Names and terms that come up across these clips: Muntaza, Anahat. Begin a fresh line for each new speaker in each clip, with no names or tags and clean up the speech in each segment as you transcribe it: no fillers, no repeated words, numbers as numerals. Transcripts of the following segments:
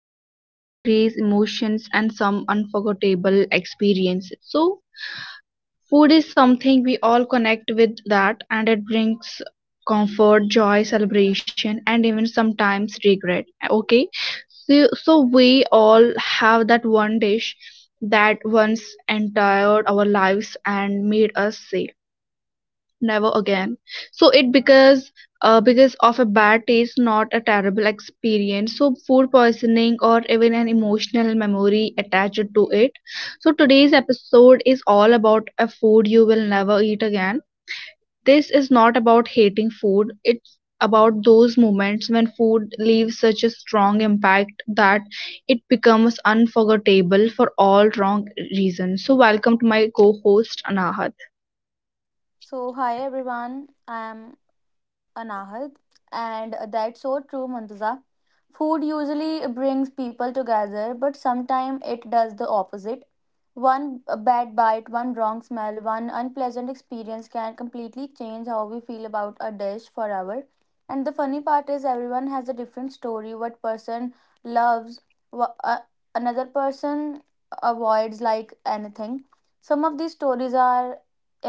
trust me, it holds memories, emotions, and some unforgettable experiences. So, food is something we all connect with that, and it brings comfort, joy, celebration, and even sometimes regret. Okay, so we all have that one dish that once entered our lives and made us say never again. So it because of a bad taste, not a terrible experience. So food poisoning or even an emotional memory attached to it. So today's episode is all about a food you will never eat again. This is not about hating food, it's about those moments when food leaves such a strong impact that it becomes unforgettable for all wrong reasons. So, welcome to my co host Anahat.
So, hi everyone, I'm Anahad, and that's so true, Mantaza. Food usually brings people together, but sometimes it does the opposite. One bad bite, one wrong smell, one unpleasant experience can completely change how we feel about a dish forever. And the funny part is, everyone has a different story. What person loves, wha- uh, another person avoids like anything. Some of these stories are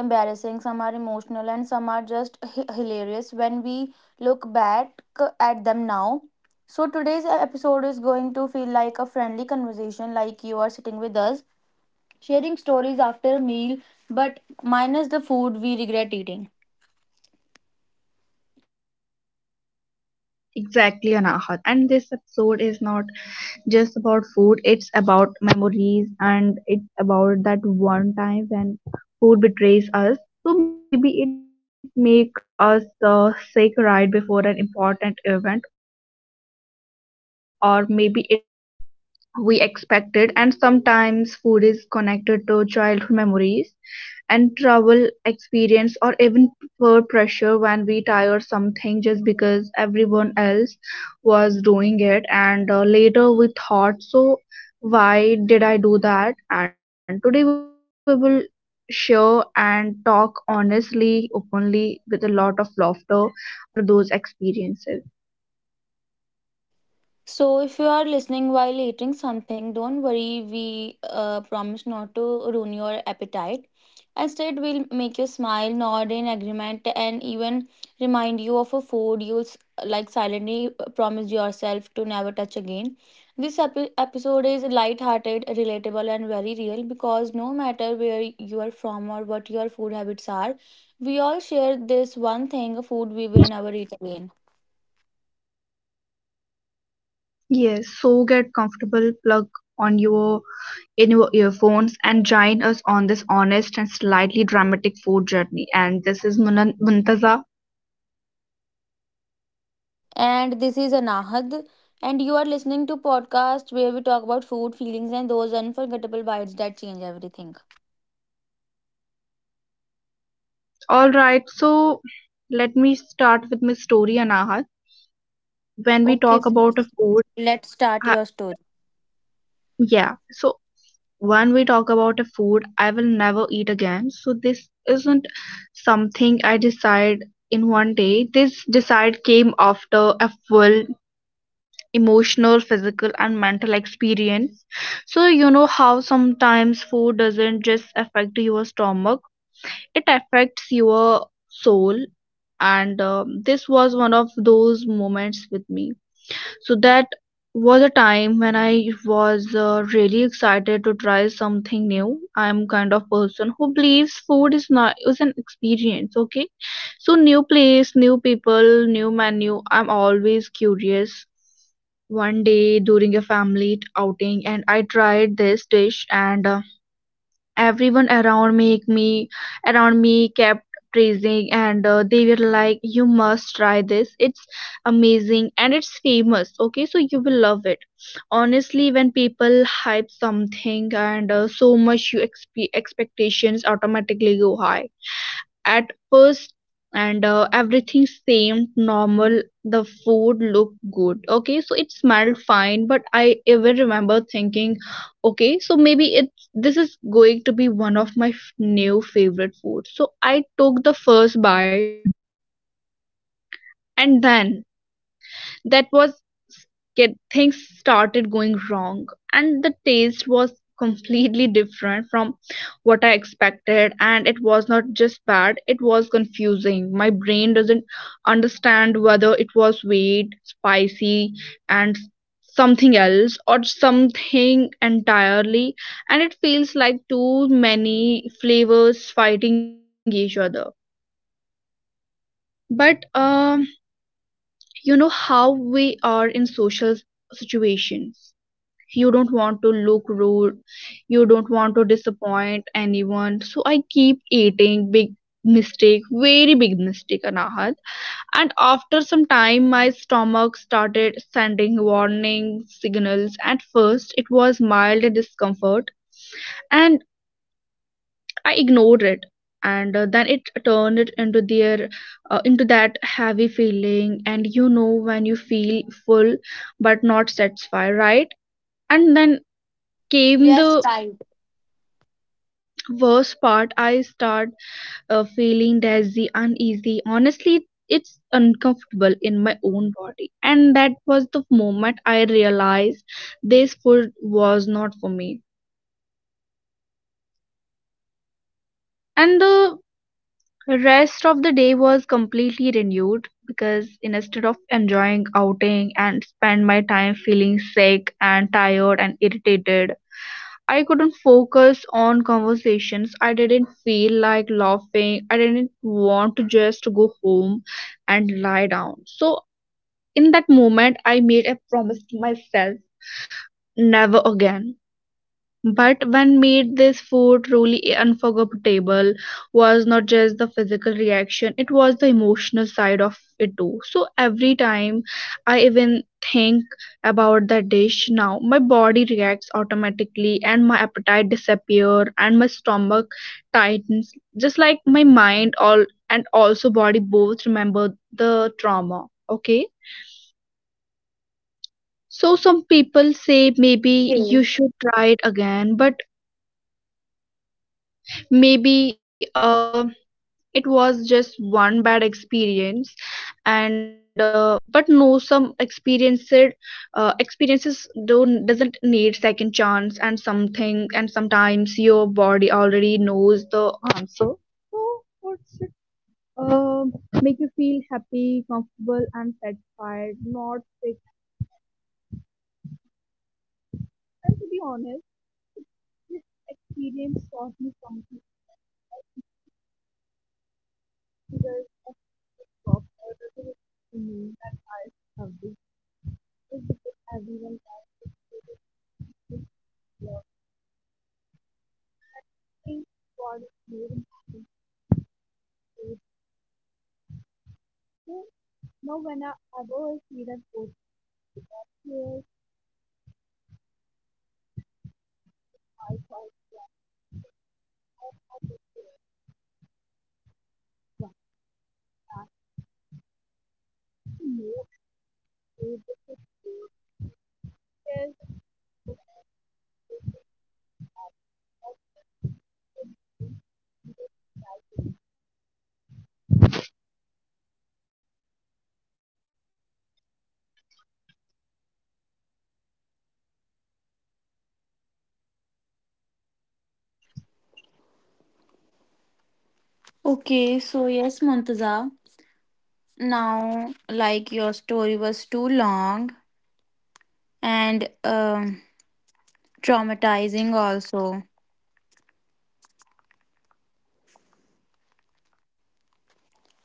embarrassing, some are emotional, and some are just hilarious when we look back at them now. So, today's episode is going to feel like a friendly conversation, like you are sitting with us, sharing stories after a meal, but minus the food we regret eating.
Exactly, Anahat. And this episode is not just about food, it's about memories and it's about that one time when food betrays us. So maybe it make us sick right before an important event, or maybe it tasted nothing like we expected, and sometimes food is connected to childhood memories and travel experience or even peer pressure when we tire something just because everyone else was doing it, and later we thought, so why did I do that? And today we will share and talk honestly openly with a lot of laughter after those experiences.
So, if you are listening while eating something, don't worry. We promise not to ruin your appetite. Instead, we'll make you smile, nod in agreement, and even remind you of a food like silently promise yourself to never touch again. This episode is light-hearted, relatable, and very real because no matter where you are from or what your food habits are, we all share this one thing: food we will never eat again.
Yes, so get comfortable, plug on your in your earphones and join us on this honest and slightly dramatic food journey. And this is Muntaza.
And this is Anahad. And you are listening to podcast where we talk about food, feelings, and those unforgettable bites that change everything.
All right, so let me start with my story, Anahat. When we
Okay,
talk about a food,
let's start
I,
your story.
yeah, so when we talk about a food, I will never eat again. So this isn't something I decide in one day. This decide came after a full emotional physical and mental experience. So you know how sometimes food doesn't just affect your stomach, it affects your soul, and this was one of those moments with me. So that was a time when I was really excited to try something new. I'm kind of person who believes food is not is an experience, okay? So new place, new people, new menu, I'm always curious. One day during a family outing, and I tried this dish, and everyone around make me around me kept praising, and they were like, you must try this, it's amazing and it's famous, okay, so you will love it. Honestly, when people hype something, and so much, you expectations automatically go high at first, and everything seemed normal, the food looked good, okay, so it smelled fine, but I even remember thinking, okay, so maybe it's this is going to be one of my new favorite foods. So I took the first bite, and then that was get things started going wrong, and the taste was completely different from what I expected, and it was not just bad, it was confusing. My brain doesn't understand whether it was weight spicy and something else or something entirely, and it feels like too many flavors fighting each other. But you know how we are in social situations, you don't want to look rude, you don't want to disappoint anyone, so I keep eating. Big mistake, very big mistake, Anahat. And after some time my stomach started sending warning signals. At first it was mild discomfort, and I ignored it, and then it turned it into their into that heavy feeling, and you know when you feel full but not satisfied, right? And then came
Yes,
the
right.
worst part. I start feeling dizzy, uneasy. Honestly, it's uncomfortable in my own body, and that was the moment I realized this food was not for me. And the Rest of the day was completely renewed because instead of enjoying outing and spend my time feeling sick and tired and irritated, I couldn't focus on conversations. I didn't feel like laughing. I didn't want to just go home and lie down. So in that moment I made a promise to myself, never again. But when made, this food truly unforgettable was not just the physical reaction, it was the emotional side of it too. So every time I even think about that dish now, my body reacts automatically and my appetite disappear and my stomach tightens just like my mind all and also body both remember the trauma. Okay. So some people say maybe you
Okay.
should try it again, but maybe it was just one bad experience, and but no, some experience it, experiences don't doesn't need second chance and something, and sometimes your body already knows the answer. So what's it uh, make you feel happy comfortable and satisfied, not fixed. And to be honest, this experience taught me something because a the proper to me that I have is because everyone tries to is just working for the more important food. So now when I ever see that food here, I thought I just want to know if the food is.
Okay, so yes, Muntaza. Now, like your story was too long and traumatizing also.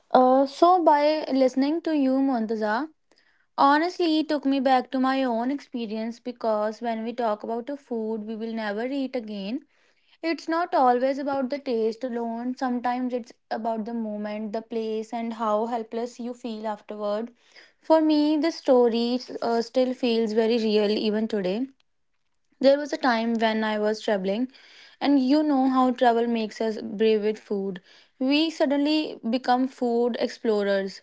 So by listening to you, Muntaza, honestly, it took me back to my own experience because when we talk about a food we will never eat again, it's not always about the taste alone. Sometimes it's about the moment, the place, and how helpless you feel afterward. For me, the story still feels very real even today. There was a time when I was traveling, and you know how travel makes us brave with food. We suddenly become food explorers.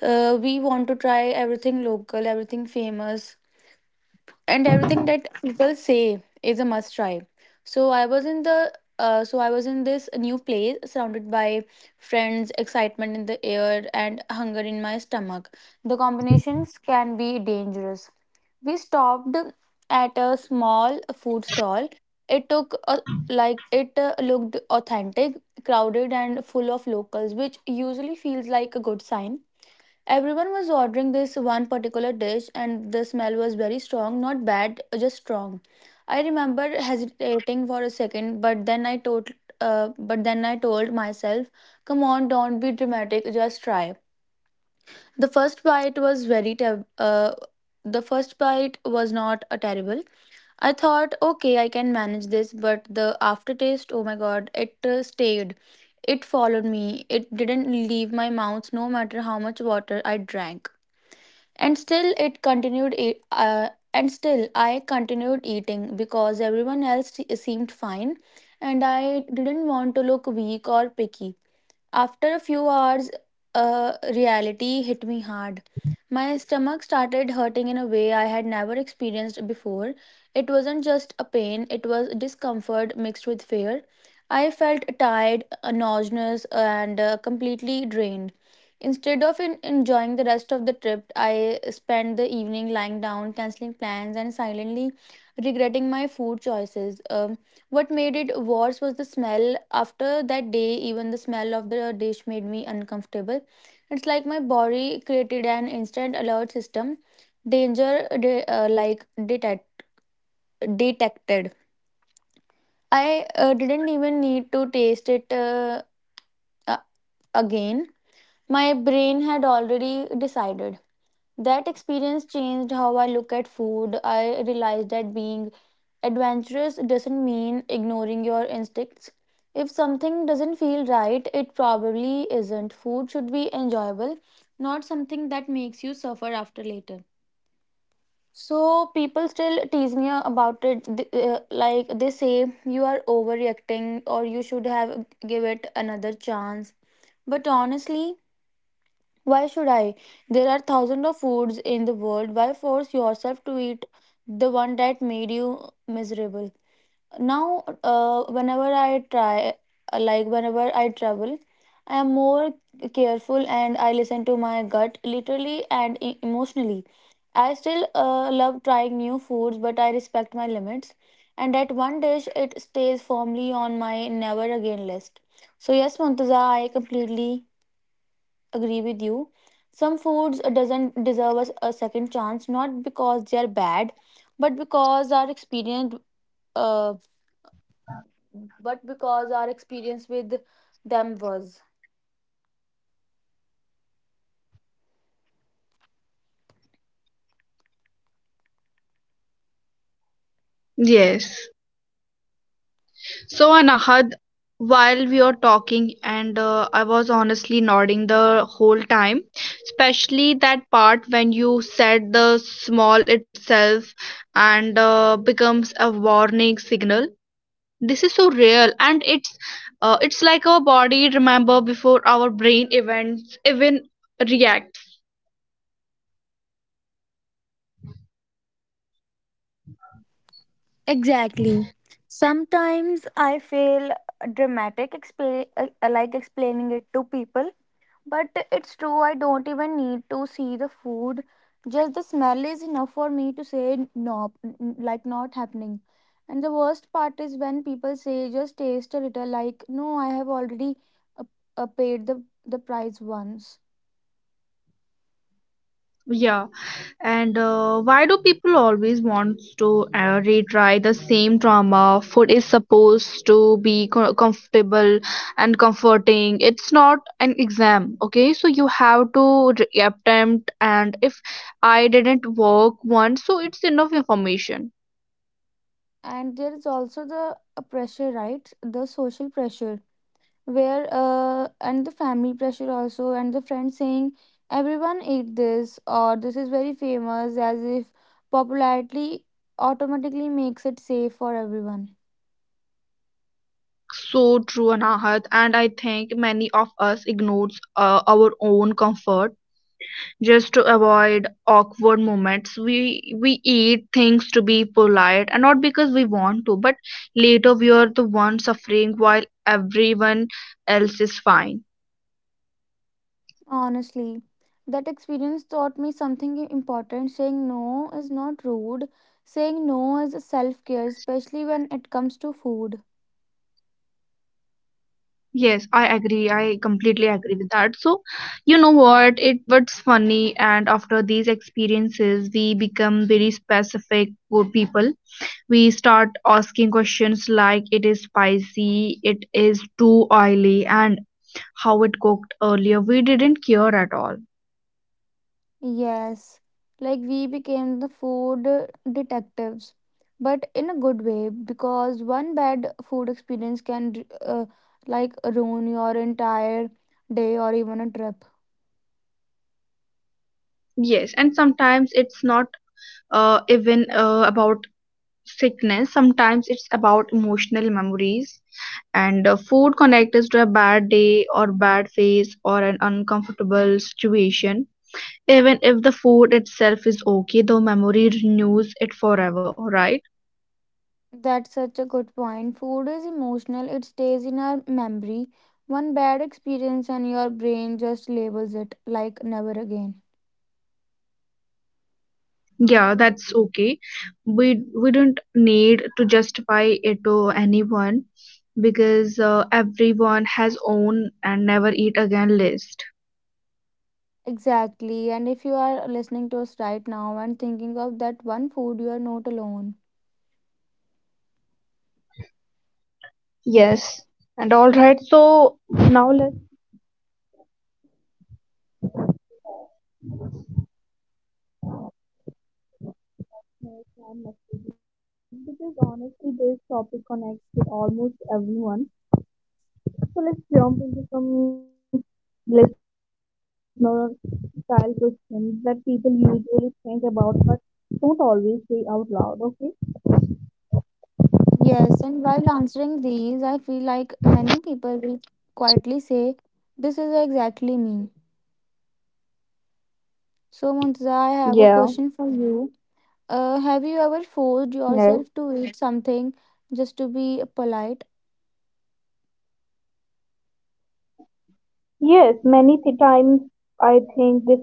We want to try everything local, everything famous, and everything that people say is a must try. So I was in the so I was in this new place surrounded by friends, excitement in the air, and hunger in my stomach. The combinations can be dangerous. We stopped at a small food stall. It took a, like it looked authentic, crowded, and full of locals, which usually feels like a good sign. Everyone was ordering this one particular dish, and the smell was very strong. Not bad, just strong. I remember hesitating for a second, but then I told myself, "Come on, don't be dramatic. Just try." The first bite was very, ter- uh, the first bite was not a terrible. I thought, okay, I can manage this, but the aftertaste, oh my god, it stayed. It followed me. It didn't leave my mouth, no matter how much water I drank, and still it continued e- and still I continued eating because everyone else seemed fine, and I didn't want to look weak or picky. After a few hours, a reality hit me hard. My stomach started hurting in a way I had never experienced before. It wasn't just a pain, it was discomfort mixed with fear. I felt tired, nauseous, and completely drained. Instead of enjoying the rest of the trip, I spent the evening lying down, canceling plans, and silently regretting my food choices. What made it worse was the smell. After that day, even the smell of the dish made me uncomfortable. It's like my body created an instant alert system, danger detected. I didn't even need to taste it uh, again. My brain had already decided. That experience changed how I look at food. I realized that being adventurous doesn't mean ignoring your instincts. If something doesn't feel right, it probably isn't. Food should be enjoyable, not something that makes you suffer after later. So people still tease me about it. Like they say, you are overreacting or you should have give it another chance. But honestly, why should I? There are thousands of foods in the world. Why force yourself to eat the one that made you miserable? Now, like whenever I travel, I am more careful and I listen to my gut literally and emotionally. I still love trying new foods, but I respect my limits. And that one dish, it stays firmly on my never again list. So, yes, Muntaza, I completely agree with you, some foods doesn't deserve us a second chance, not because they are bad but because our experience uh, but because our experience with them was
Yes. So, Anahad, while we are talking, and I was honestly nodding the whole time, especially that part when you said the small itself and becomes a warning signal. This is so real, and it's like our body remember before our brain events even reacts.
exactly. Sometimes I feel dramatic explain, like explaining it to people, but it's true, I don't even need to see the food. Just the smell is enough for me to say no, like not happening. And the worst part is when people say just taste a little, like no, I have already uh, paid the price once.
Yeah, and why do people always want to retry the same drama? Food is supposed to be comfortable and comforting, it's not an exam, okay, so you have to attempt, and if I didn't work once, so it's enough information.
And there is also the pressure, right? The social pressure, where and the family pressure also, and the friends saying everyone ate this or this is very famous, as if popularity automatically makes it safe for everyone.
So true, Anahat, and I think many of us ignores our own comfort just to avoid awkward moments. We eat things to be polite, and not because we want to, but later we are the one suffering while everyone else is fine.
Honestly, that experience taught me something important: saying no is not rude, saying no is a self care, especially when it comes to food.
Yes, I agree. I completely agree with that. So, you know what? It was funny, and after these experiences, we become very specific for people. We start asking questions like, it is spicy, it is too oily, and how it cooked earlier. We didn't care at all.
Yes, like we became the food detectives, but in a good way, because one bad food experience can like ruin your entire day or even a trip.
Yes, and sometimes it's not even about sickness, sometimes it's about emotional memories. And food connects us to a bad day or bad phase or an uncomfortable situation. Even if the food itself is okay, the memory renews it forever, right?
That's such a good point. Food is emotional, it stays in our memory. One bad experience and your brain just labels it like never again.
Yeah, that's okay. We don't need to justify it to anyone because everyone has own and never eat again list.
Exactly. And if you are listening to us right now and thinking of that one food, you are not alone.
Yes. And all right, so now let's move on next question, because honestly this topic connects with almost everyone. So let's jump into some listener style questions that people usually think about but don't always say out loud, okay?
Yes, and while answering these, I feel like many people will quietly say, this is exactly me. So, Muntaza, I
Yeah.
have a question for you. Have you ever forced
Yes.
yourself to eat something just to be polite?
Yes, many times I think this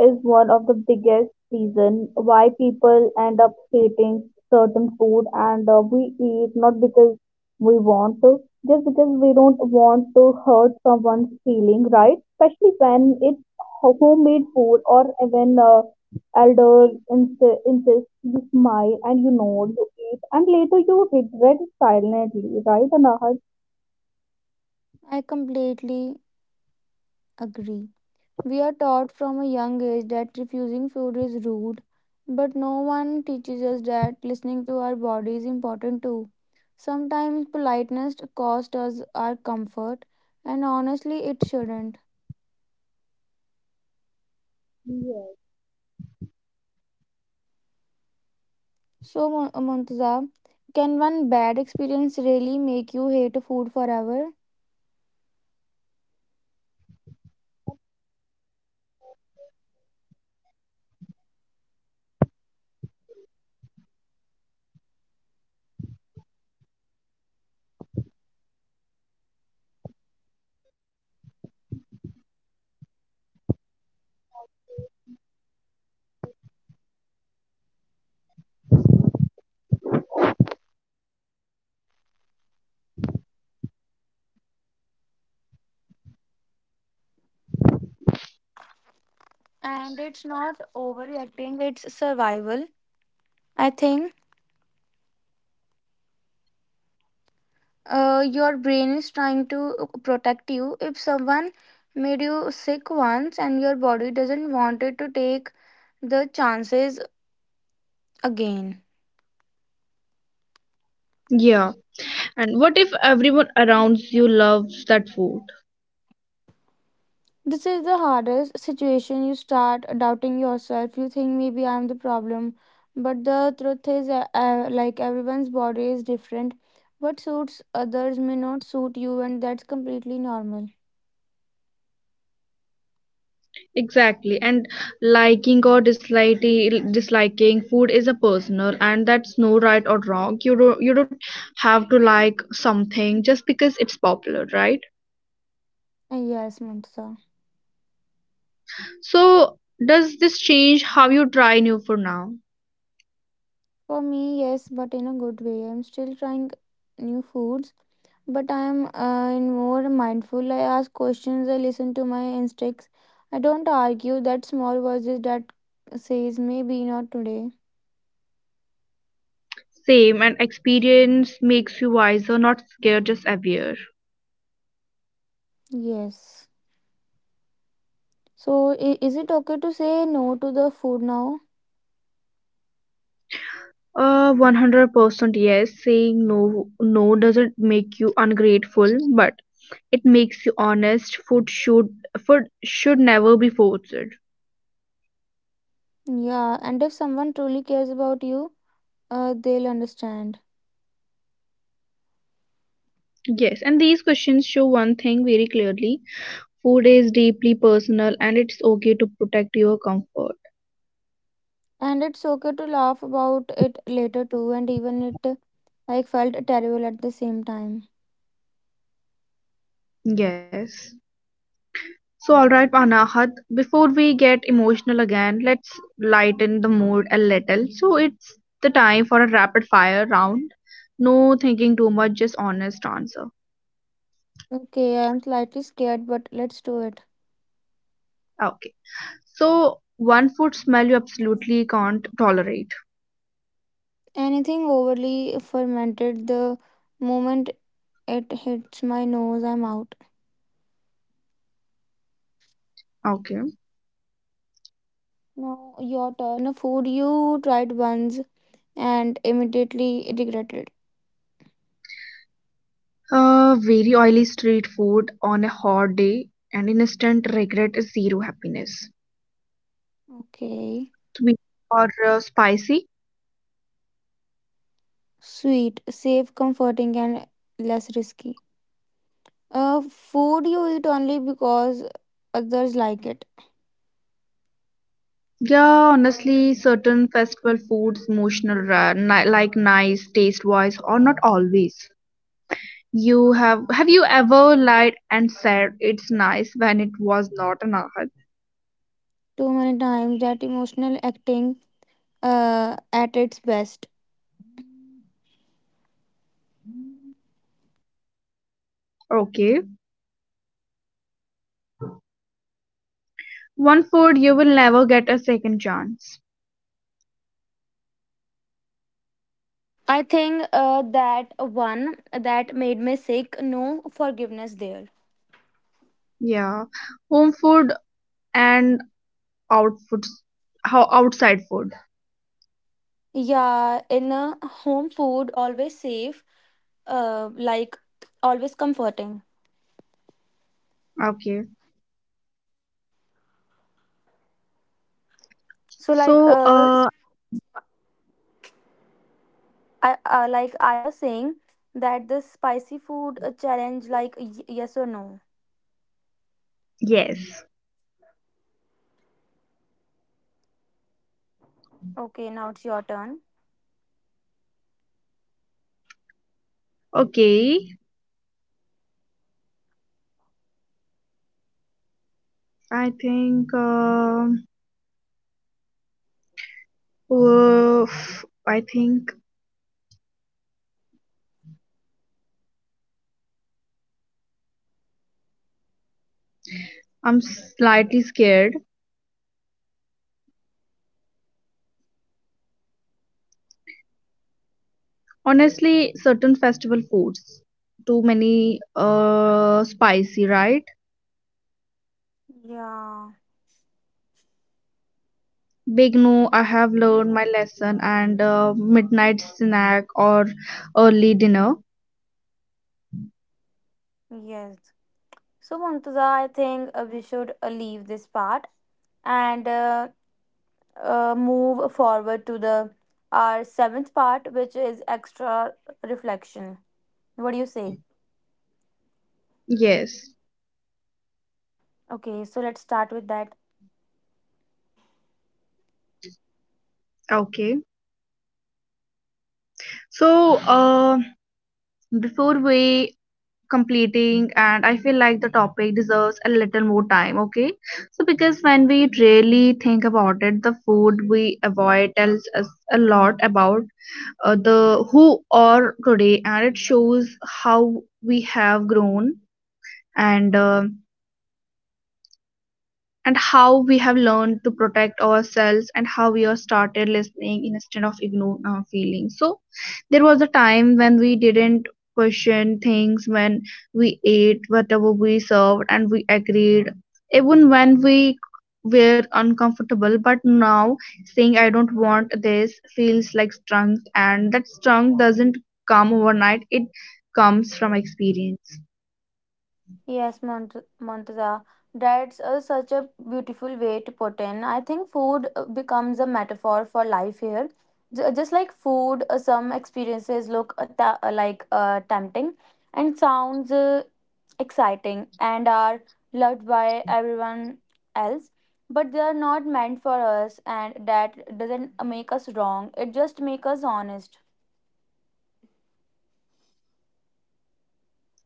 is one of the biggest reason why people end up hating certain food, and we eat not because we want to, just because we don't want to hurt someone's feeling, right? Especially when it's homemade food, or when elders insist, you smile and you nod, you eat, and later you regret it silently, right, Anahat?
I completely agree. We are taught from a young age that refusing food is rude, but no one teaches us that listening to our body is important too. Sometimes politeness costs us our comfort, and honestly, it shouldn't.
Yes.
So, Muntaza, can one bad experience really make you hate food forever? And it's not overreacting, it's survival. I think your brain is trying to protect you. If someone made you sick once and your body doesn't want it to take the chances again.
Yeah. And what if everyone around you loves that food?
This is the hardest situation. You start doubting yourself. You think maybe I'm the problem. But the truth is, like everyone's body is different. What suits others may not suit you, and that's completely normal.
Exactly. And liking or disliking food is a personal, and that's no right or wrong. You don't have to like something just because it's popular, right?
Yes, Mansa.
So does this change how you try new for now?
For me, yes, but in a good way. I'm still trying new foods, but I am in more mindful. I ask questions, I listen to my instincts. I don't argue that small voices that says maybe not today.
Same, and experience makes you wiser, not scared, just aware.
Yes. So is it okay to say no to the food now?
100% yes. Saying no, no doesn't make you ungrateful, but it makes you honest. Food should never be forced.
Yeah, and if someone truly cares about you, they'll understand.
Yes, and these questions show one thing very clearly. Food is deeply personal and it's okay to protect your comfort.
And it's okay to laugh about it later too, and even it I felt terrible at the same time.
Yes. So all right, Anahat, before we get emotional again, let's lighten the mood a little. So it's the time for a rapid fire round. No thinking too much, just honest answer.
Okay, I am slightly scared, but let's do it.
Ah, okay. So one food smell you absolutely can't tolerate.
Anything overly fermented, the moment it hits my nose, I'm out.
Okay.
Now, your turn. A food you tried once and immediately regretted.
Very oily street food on a hot day, and instant regret is zero happiness.
Okay.
Sweet or spicy?
Sweet, safe, comforting, and less risky. Food you eat only because others like it.
Yeah, honestly, certain festival foods, emotional, like nice taste wise, or not always. You Have you ever lied and said it's nice when it was not an art?
Too many times, that emotional acting at its best.
Okay, one food you will never get a second chance.
I think that one that made me sick, no forgiveness there.
Yeah, home food and out food, how outside food.
Yeah, in a home food always safe, like always comforting.
Okay,
So
so
like uh, s- like I was saying that the spicy food challenge, like yes or no.
yes,
Okay, now it's your turn.
okay. I think um, uh, I think I'm slightly scared. Honestly, certain festival foods too many spicy, right?
Yeah,
Big no, I have learned my lesson, and midnight snack or early dinner.
yes. So Mumtaza, I think we should leave this part and move forward to the our seventh part, which is extra reflection. What do you say?
Yes,
Okay, so let's start with that.
okay. So, before we completing, and I feel like the topic deserves a little more time, okay, so because when we really think about it, the food we avoid tells us a lot about the who are today, and it shows how we have grown, and uh, and how we have learned to protect ourselves and how we are started listening instead of ignoring our feelings. So there was a time when we didn't question things, when we ate whatever we served and we agreed even when we were uncomfortable, but now saying I don't want this feels like strength, and that strength doesn't come overnight, it comes from experience.
Yes, Montaza. That's such a beautiful way to put in. I think food becomes a metaphor for life here. Just like food, some experiences look tempting and sounds exciting and are loved by everyone else, but they are not meant for us, and that doesn't make us wrong. It just makes us honest.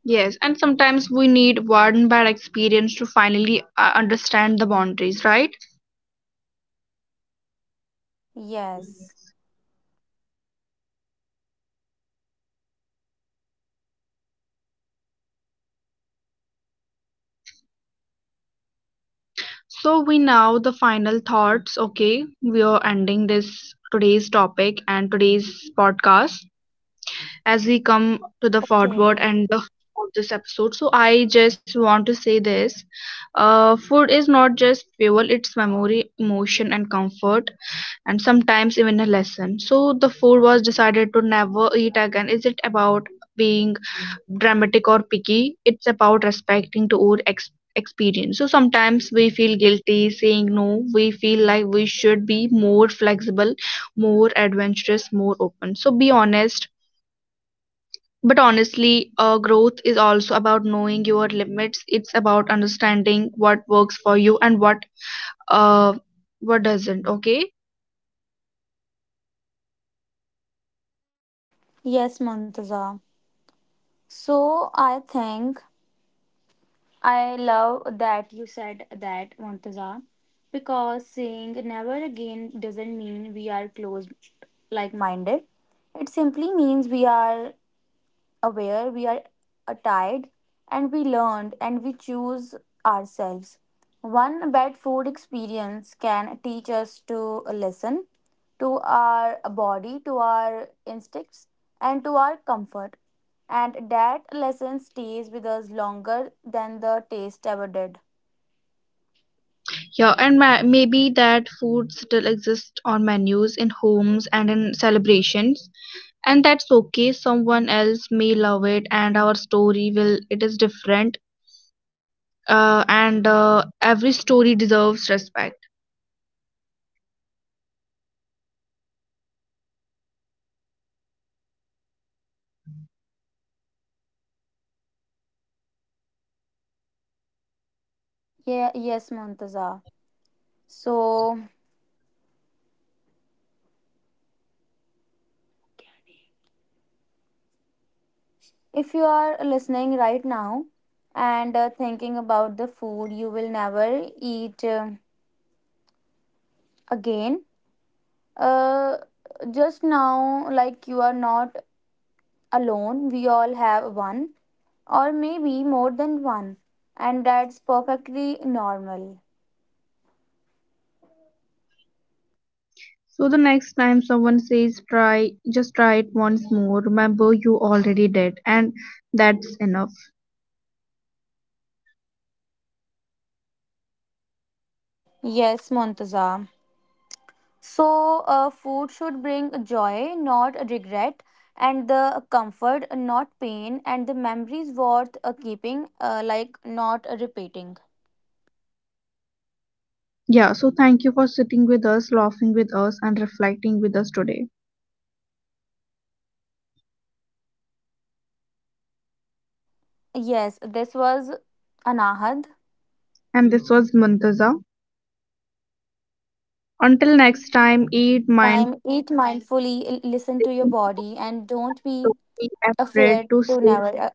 Yes, and sometimes we need one bad experience to finally understand the boundaries, right?
Yes.
So we now the final thoughts. Okay, we are ending this today's topic and today's podcast as we come to the forward
Okay.
and the of this episode. So I just want to say this: food is not just fuel; it's memory, emotion, and comfort, and sometimes even a lesson. So the food was decided to never eat again. Is it about being dramatic or picky? It's about respecting to our experience. So sometimes we feel guilty saying no, we feel like we should be more flexible, more adventurous, more open, so be honest. But honestly, growth is also about knowing your limits, it's about understanding what works for you and uh what doesn't, okay?
Yes, Montaza. So I think I love that you said that, Montaza, because saying never again doesn't mean we are closed like minded. It simply means we are aware, we are tired, and we learned and we choose ourselves. One bad food experience can teach us to listen to our body, to our instincts, and to our comfort. And that lesson stays with us longer than the taste ever did.
Yeah, and maybe that food still exists on menus, in homes, and in celebrations, and that's okay. Someone else may love it, and our story will it is different, and every story deserves respect.
Yeah, yes, Montaza. So, if you are listening right now and thinking about the food you will never eat again, Uh, just now, like you are not alone, we all have one, or maybe more than one, and that's perfectly normal.
So the next time someone says try, just try it once more, remember, you already did, and that's enough.
Yes, Montaza. So, food should bring joy, not regret, and the comfort, not pain, and the memories worth keeping, like not repeating.
Yeah, so thank you for sitting with us, laughing with us, and reflecting with us today.
Yes, this was Anahad.
And this was Muntaza. Until
So,
next time, eat mindful.
time, eat mindfully, listen to your body, and don't be
Don't be
a
afraid
fear
to
to
say
never.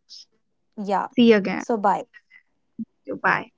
Yeah.
see again.
So bye.
Bye.